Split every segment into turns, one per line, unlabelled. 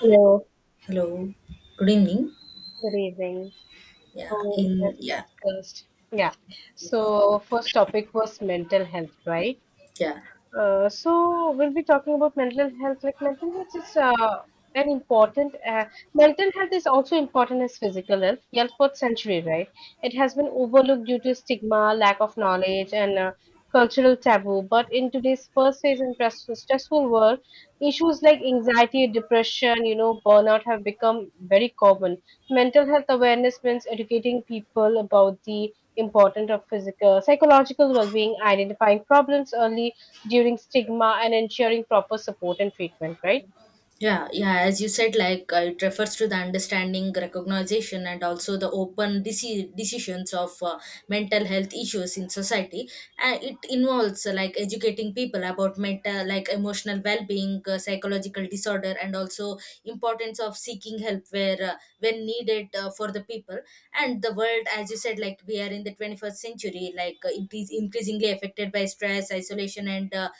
Hello,
Hello, good evening.
good evening.
Yeah,
So, as
in yeah,
discussed, yeah. So, first topic was mental health, right?
yeah.
So we'll be talking about mental health. Like mental health is an important. Mental health is also important as physical health. Yeah, fourth century, right? It has been overlooked due to stigma, lack of knowledge, and cultural taboo. But in today's first phase and press- stressful world, issues like anxiety, depression, burnout have become very common. Mental health awareness means educating people about the importance of physical, psychological well-being, identifying problems early during stigma and ensuring proper support and treatment, right?
Yeah, yeah, as you said, like it refers to the understanding, recognition, and also the open decisions of mental health issues in society. It involves like educating people about mental, like emotional well-being, psychological disorder, and also importance of seeking help where when needed for the people. And the world, as you said, like we are in the 21st century, like it is increasingly affected by stress, isolation, and uh,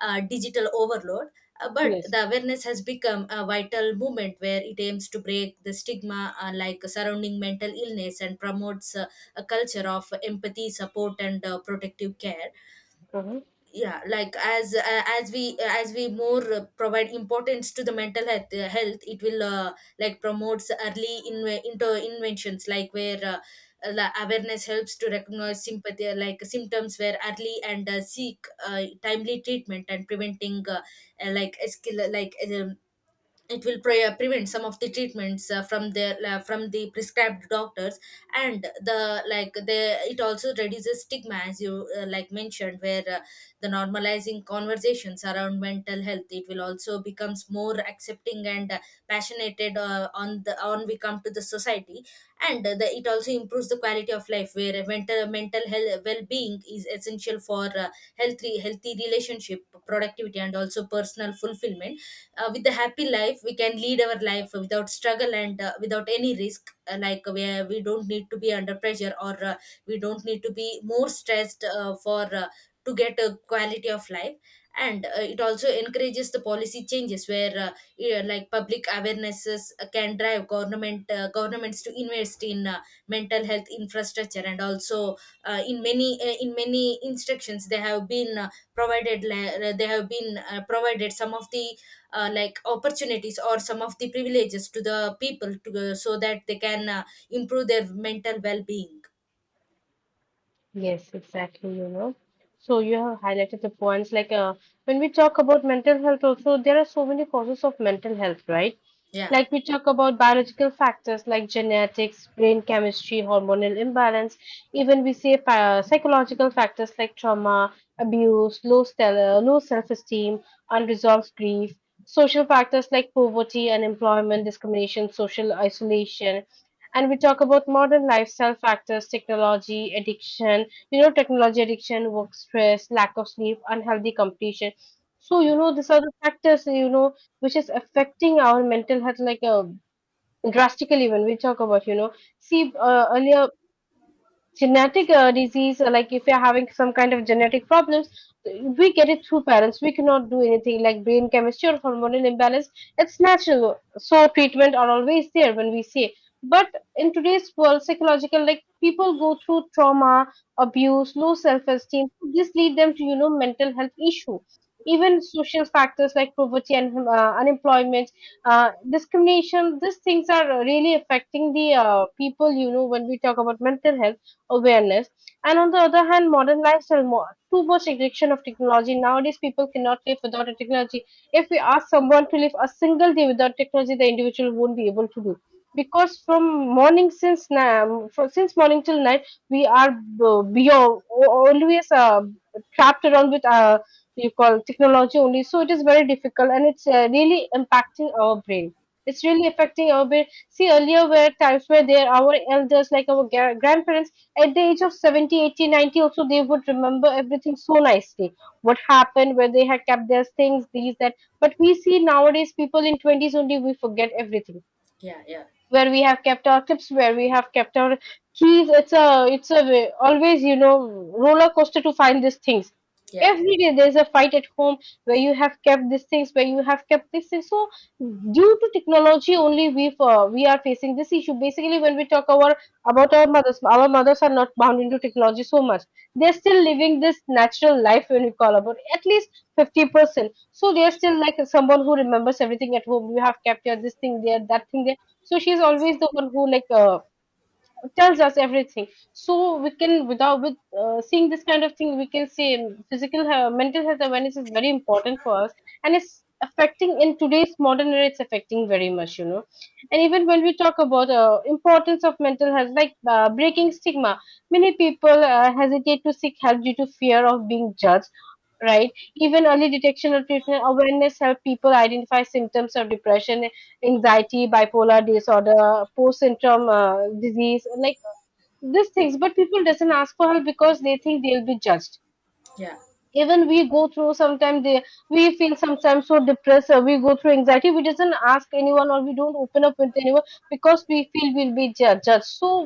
uh, digital overload, but
Yes.
the awareness has become a vital movement where it aims to break the stigma like surrounding mental illness and promotes a culture of empathy, support, and protective care.
Mhm.
Yeah, like as we more provide importance to the mental health, health it will like promotes early in into inventions like where the awareness helps to recognize sympathy, like symptoms where early and seek timely treatment and preventing uh, like escal- like um, it will prevent some of the treatments from the prescribed doctors. And the like the it also reduces stigma as you like mentioned where the normalizing conversations around mental health, it will also becomes more accepting and passionate on the on we come to the society. And it also improves the quality of life where mental health well-being is essential for healthy relationship, productivity, and also personal fulfillment. With a happy life we can lead our life without struggle and without any risk, like where we don't need to be under pressure, or we don't need to be more stressed for to get a quality of life. And it also encourages the policy changes where yeah, like public awarenesses can drive governments to invest in mental health infrastructure, and also in many instructions they have been they have been provided some of the like opportunities or some of the privileges to the people to, so that they can improve their mental well-being.
Yes, exactly, you know. So you have highlighted the points like when we talk about mental health also, there are so many causes of mental health, right?
yeah
Like we talk about biological factors like genetics, brain chemistry, hormonal imbalance, even we say psychological factors like trauma, abuse, low stellar, low self-esteem, unresolved grief, social factors like poverty, unemployment, discrimination, social isolation, and we talk about modern lifestyle factors, technology addiction, technology addiction, work stress, lack of sleep, unhealthy competition. So, you know, these are the factors, you know, which is affecting our mental health like drastically when we talk about, you know, see, earlier genetic disease like if you're having some kind of genetic problems we get it through parents we cannot do anything like brain chemistry or hormonal imbalance it's natural so treatment are always there when we say but in today's world psychological like people go through trauma abuse low self-esteem this lead them to you know mental health issue even social factors like poverty and unemployment discrimination these things are really affecting the people you know when we talk about mental health awareness. And on the other hand, modern lifestyle, more, too much addiction of technology. Nowadays, people cannot live without a technology. If we ask someone to live a single day without technology, the individual won't be able to do. Because from morning since now, since morning till night, we are beyond always trapped around with you call technology only. So it is very difficult, and it's really impacting our brain. It's really affecting our brain. See, earlier were times where there our elders, like our grandparents, at the age of 70, 80, 90, also they would remember everything so nicely what happened where they had kept their things these that, but we see nowadays people in 20s only we forget everything,
yeah yeah
where we have kept our clips, where we have kept our keys. It's always you know roller coaster to find these things.
yeah
Every day there's a fight at home where you have kept these things, where you have kept these things. So due to technology only we are facing this issue. Basically, when we talk our about our mothers are not bound into technology so much. They're still living this natural life when we call about at least 50%. So they're still like someone who remembers everything at home. You have kept your this thing there, that thing there, so she's always the one who like tells us everything. So we can without with seeing this kind of thing we can say physical health, mental health awareness is very important for us, and it's affecting in today's modern era, it's affecting very much, you know. And even when we talk about importance of mental health like breaking stigma, many people hesitate to seek help due to fear of being judged, right? Even early detection or treatment awareness help people identify symptoms of depression, anxiety, bipolar disorder, post-syndrome disease, like these things. But people doesn't ask for help because they think they'll be judged.
yeah
Even we go through sometimes they we feel sometimes so depressed. Or we go through anxiety. We doesn't ask anyone, or we don't open up with anyone because we feel judged. So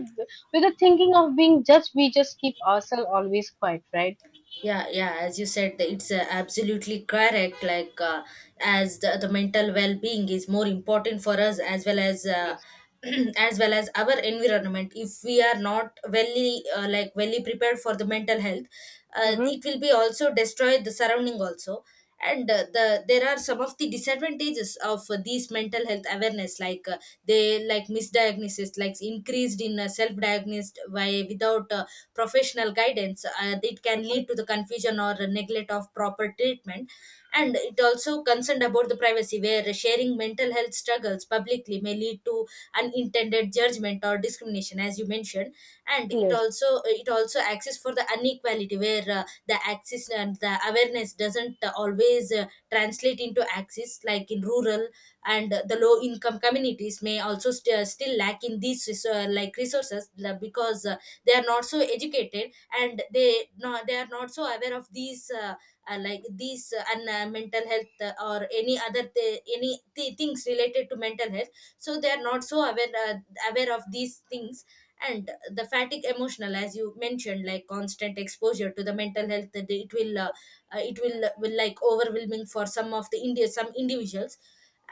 with the thinking of being judged, we just keep ourselves always quiet, right?
yeah yeah as you said, it's absolutely correct, like as the mental well-being is more important for us as well as
Yes.
as well as our environment. If we are not well, like well prepared for the mental health,
Mm-hmm.
it will be also destroy the surrounding also. And there are some of the disadvantages of these mental health awareness, like they like misdiagnosis, like increased in self-diagnosed by without professional guidance. It can lead to the confusion or neglect of proper treatment. And it also concerned about the privacy, where sharing mental health struggles publicly may lead to unintended judgment or discrimination, as you mentioned. And it
Yes.
also it also access for the inequality, where the access and the awareness doesn't always translate into access, like in rural and the low income communities may also still lack in these like resources, because they are not so educated, and they they are not so aware of these like these and mental health, or any other th- any th- things related to mental health. So they are not so aware aware of these things. And the fatigue emotional, as you mentioned, like constant exposure to the mental health that it will it will like overwhelming for some of the india some individuals.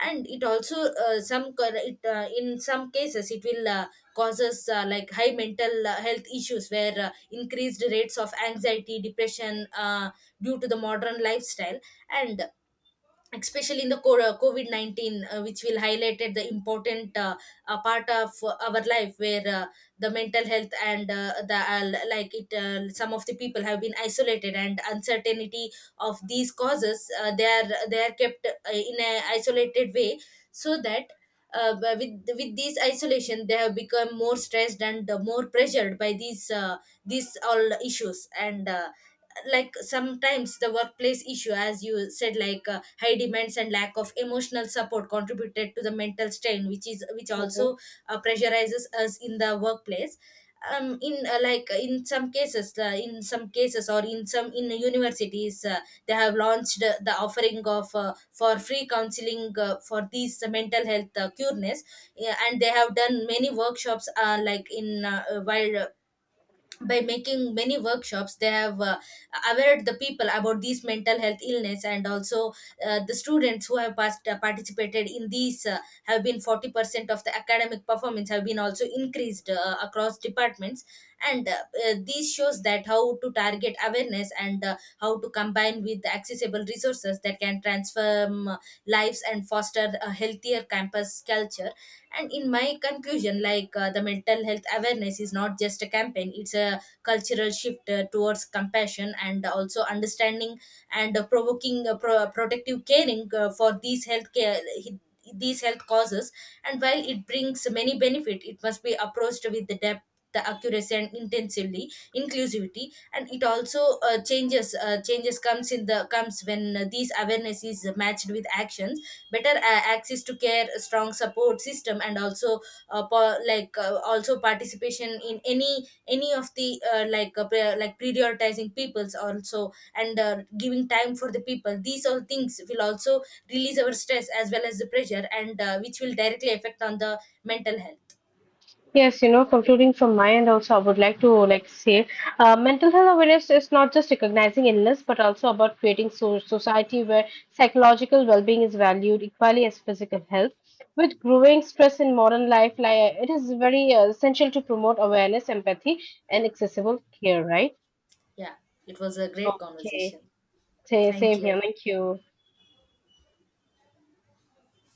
And it also in some cases it will causes like high mental health issues, where increased rates of anxiety, depression, due to the modern lifestyle. And especially in the COVID 19, which will highlighted the important part of our life, where the mental health and some of the people have been isolated, and uncertainty of these causes, they are kept in a isolated way, so that. With this isolation, they have become more stressed and more pressured by these all issues, and like sometimes the workplace issue, as you said, like high demands and lack of emotional support contributed to the mental strain, which also pressurizes us in the workplace. In some cases, or in some, in universities, they have launched the offering of for free counseling for these mental health cureness. Yeah, and they have done many workshops, like in while by making many workshops they have aware the people about these mental health illness. And also the students who have participated in these have been 40% of the academic performance have been also increased across departments. And These shows that how to target awareness, and how to combine with the accessible resources that can transform lives and foster a healthier campus culture. And in my conclusion, like the mental health awareness is not just a campaign, it's a cultural shift towards compassion and also understanding, and provoking protective caring for these health care, these health causes. And while it brings many benefit, it must be approached with the depth, the accuracy, and intensively inclusivity. And it also changes comes in the comes when these awareness is matched with action, better access to care, a strong support system, and also like also participation in any of the like prioritizing peoples also, and giving time for the people. These all things will also release our stress as well as the pressure, and which will directly affect on the mental health.
Yes, you know, concluding from my end also, I would like to like say, mental health awareness is not just recognizing illness, but also about creating so society where psychological well-being is valued equally as physical health. With growing stress in modern life, like it is very essential to promote awareness, empathy, and accessible care. Right?
Yeah, it was a great
Okay.
conversation. Thank
Same here.
you.
Thank you.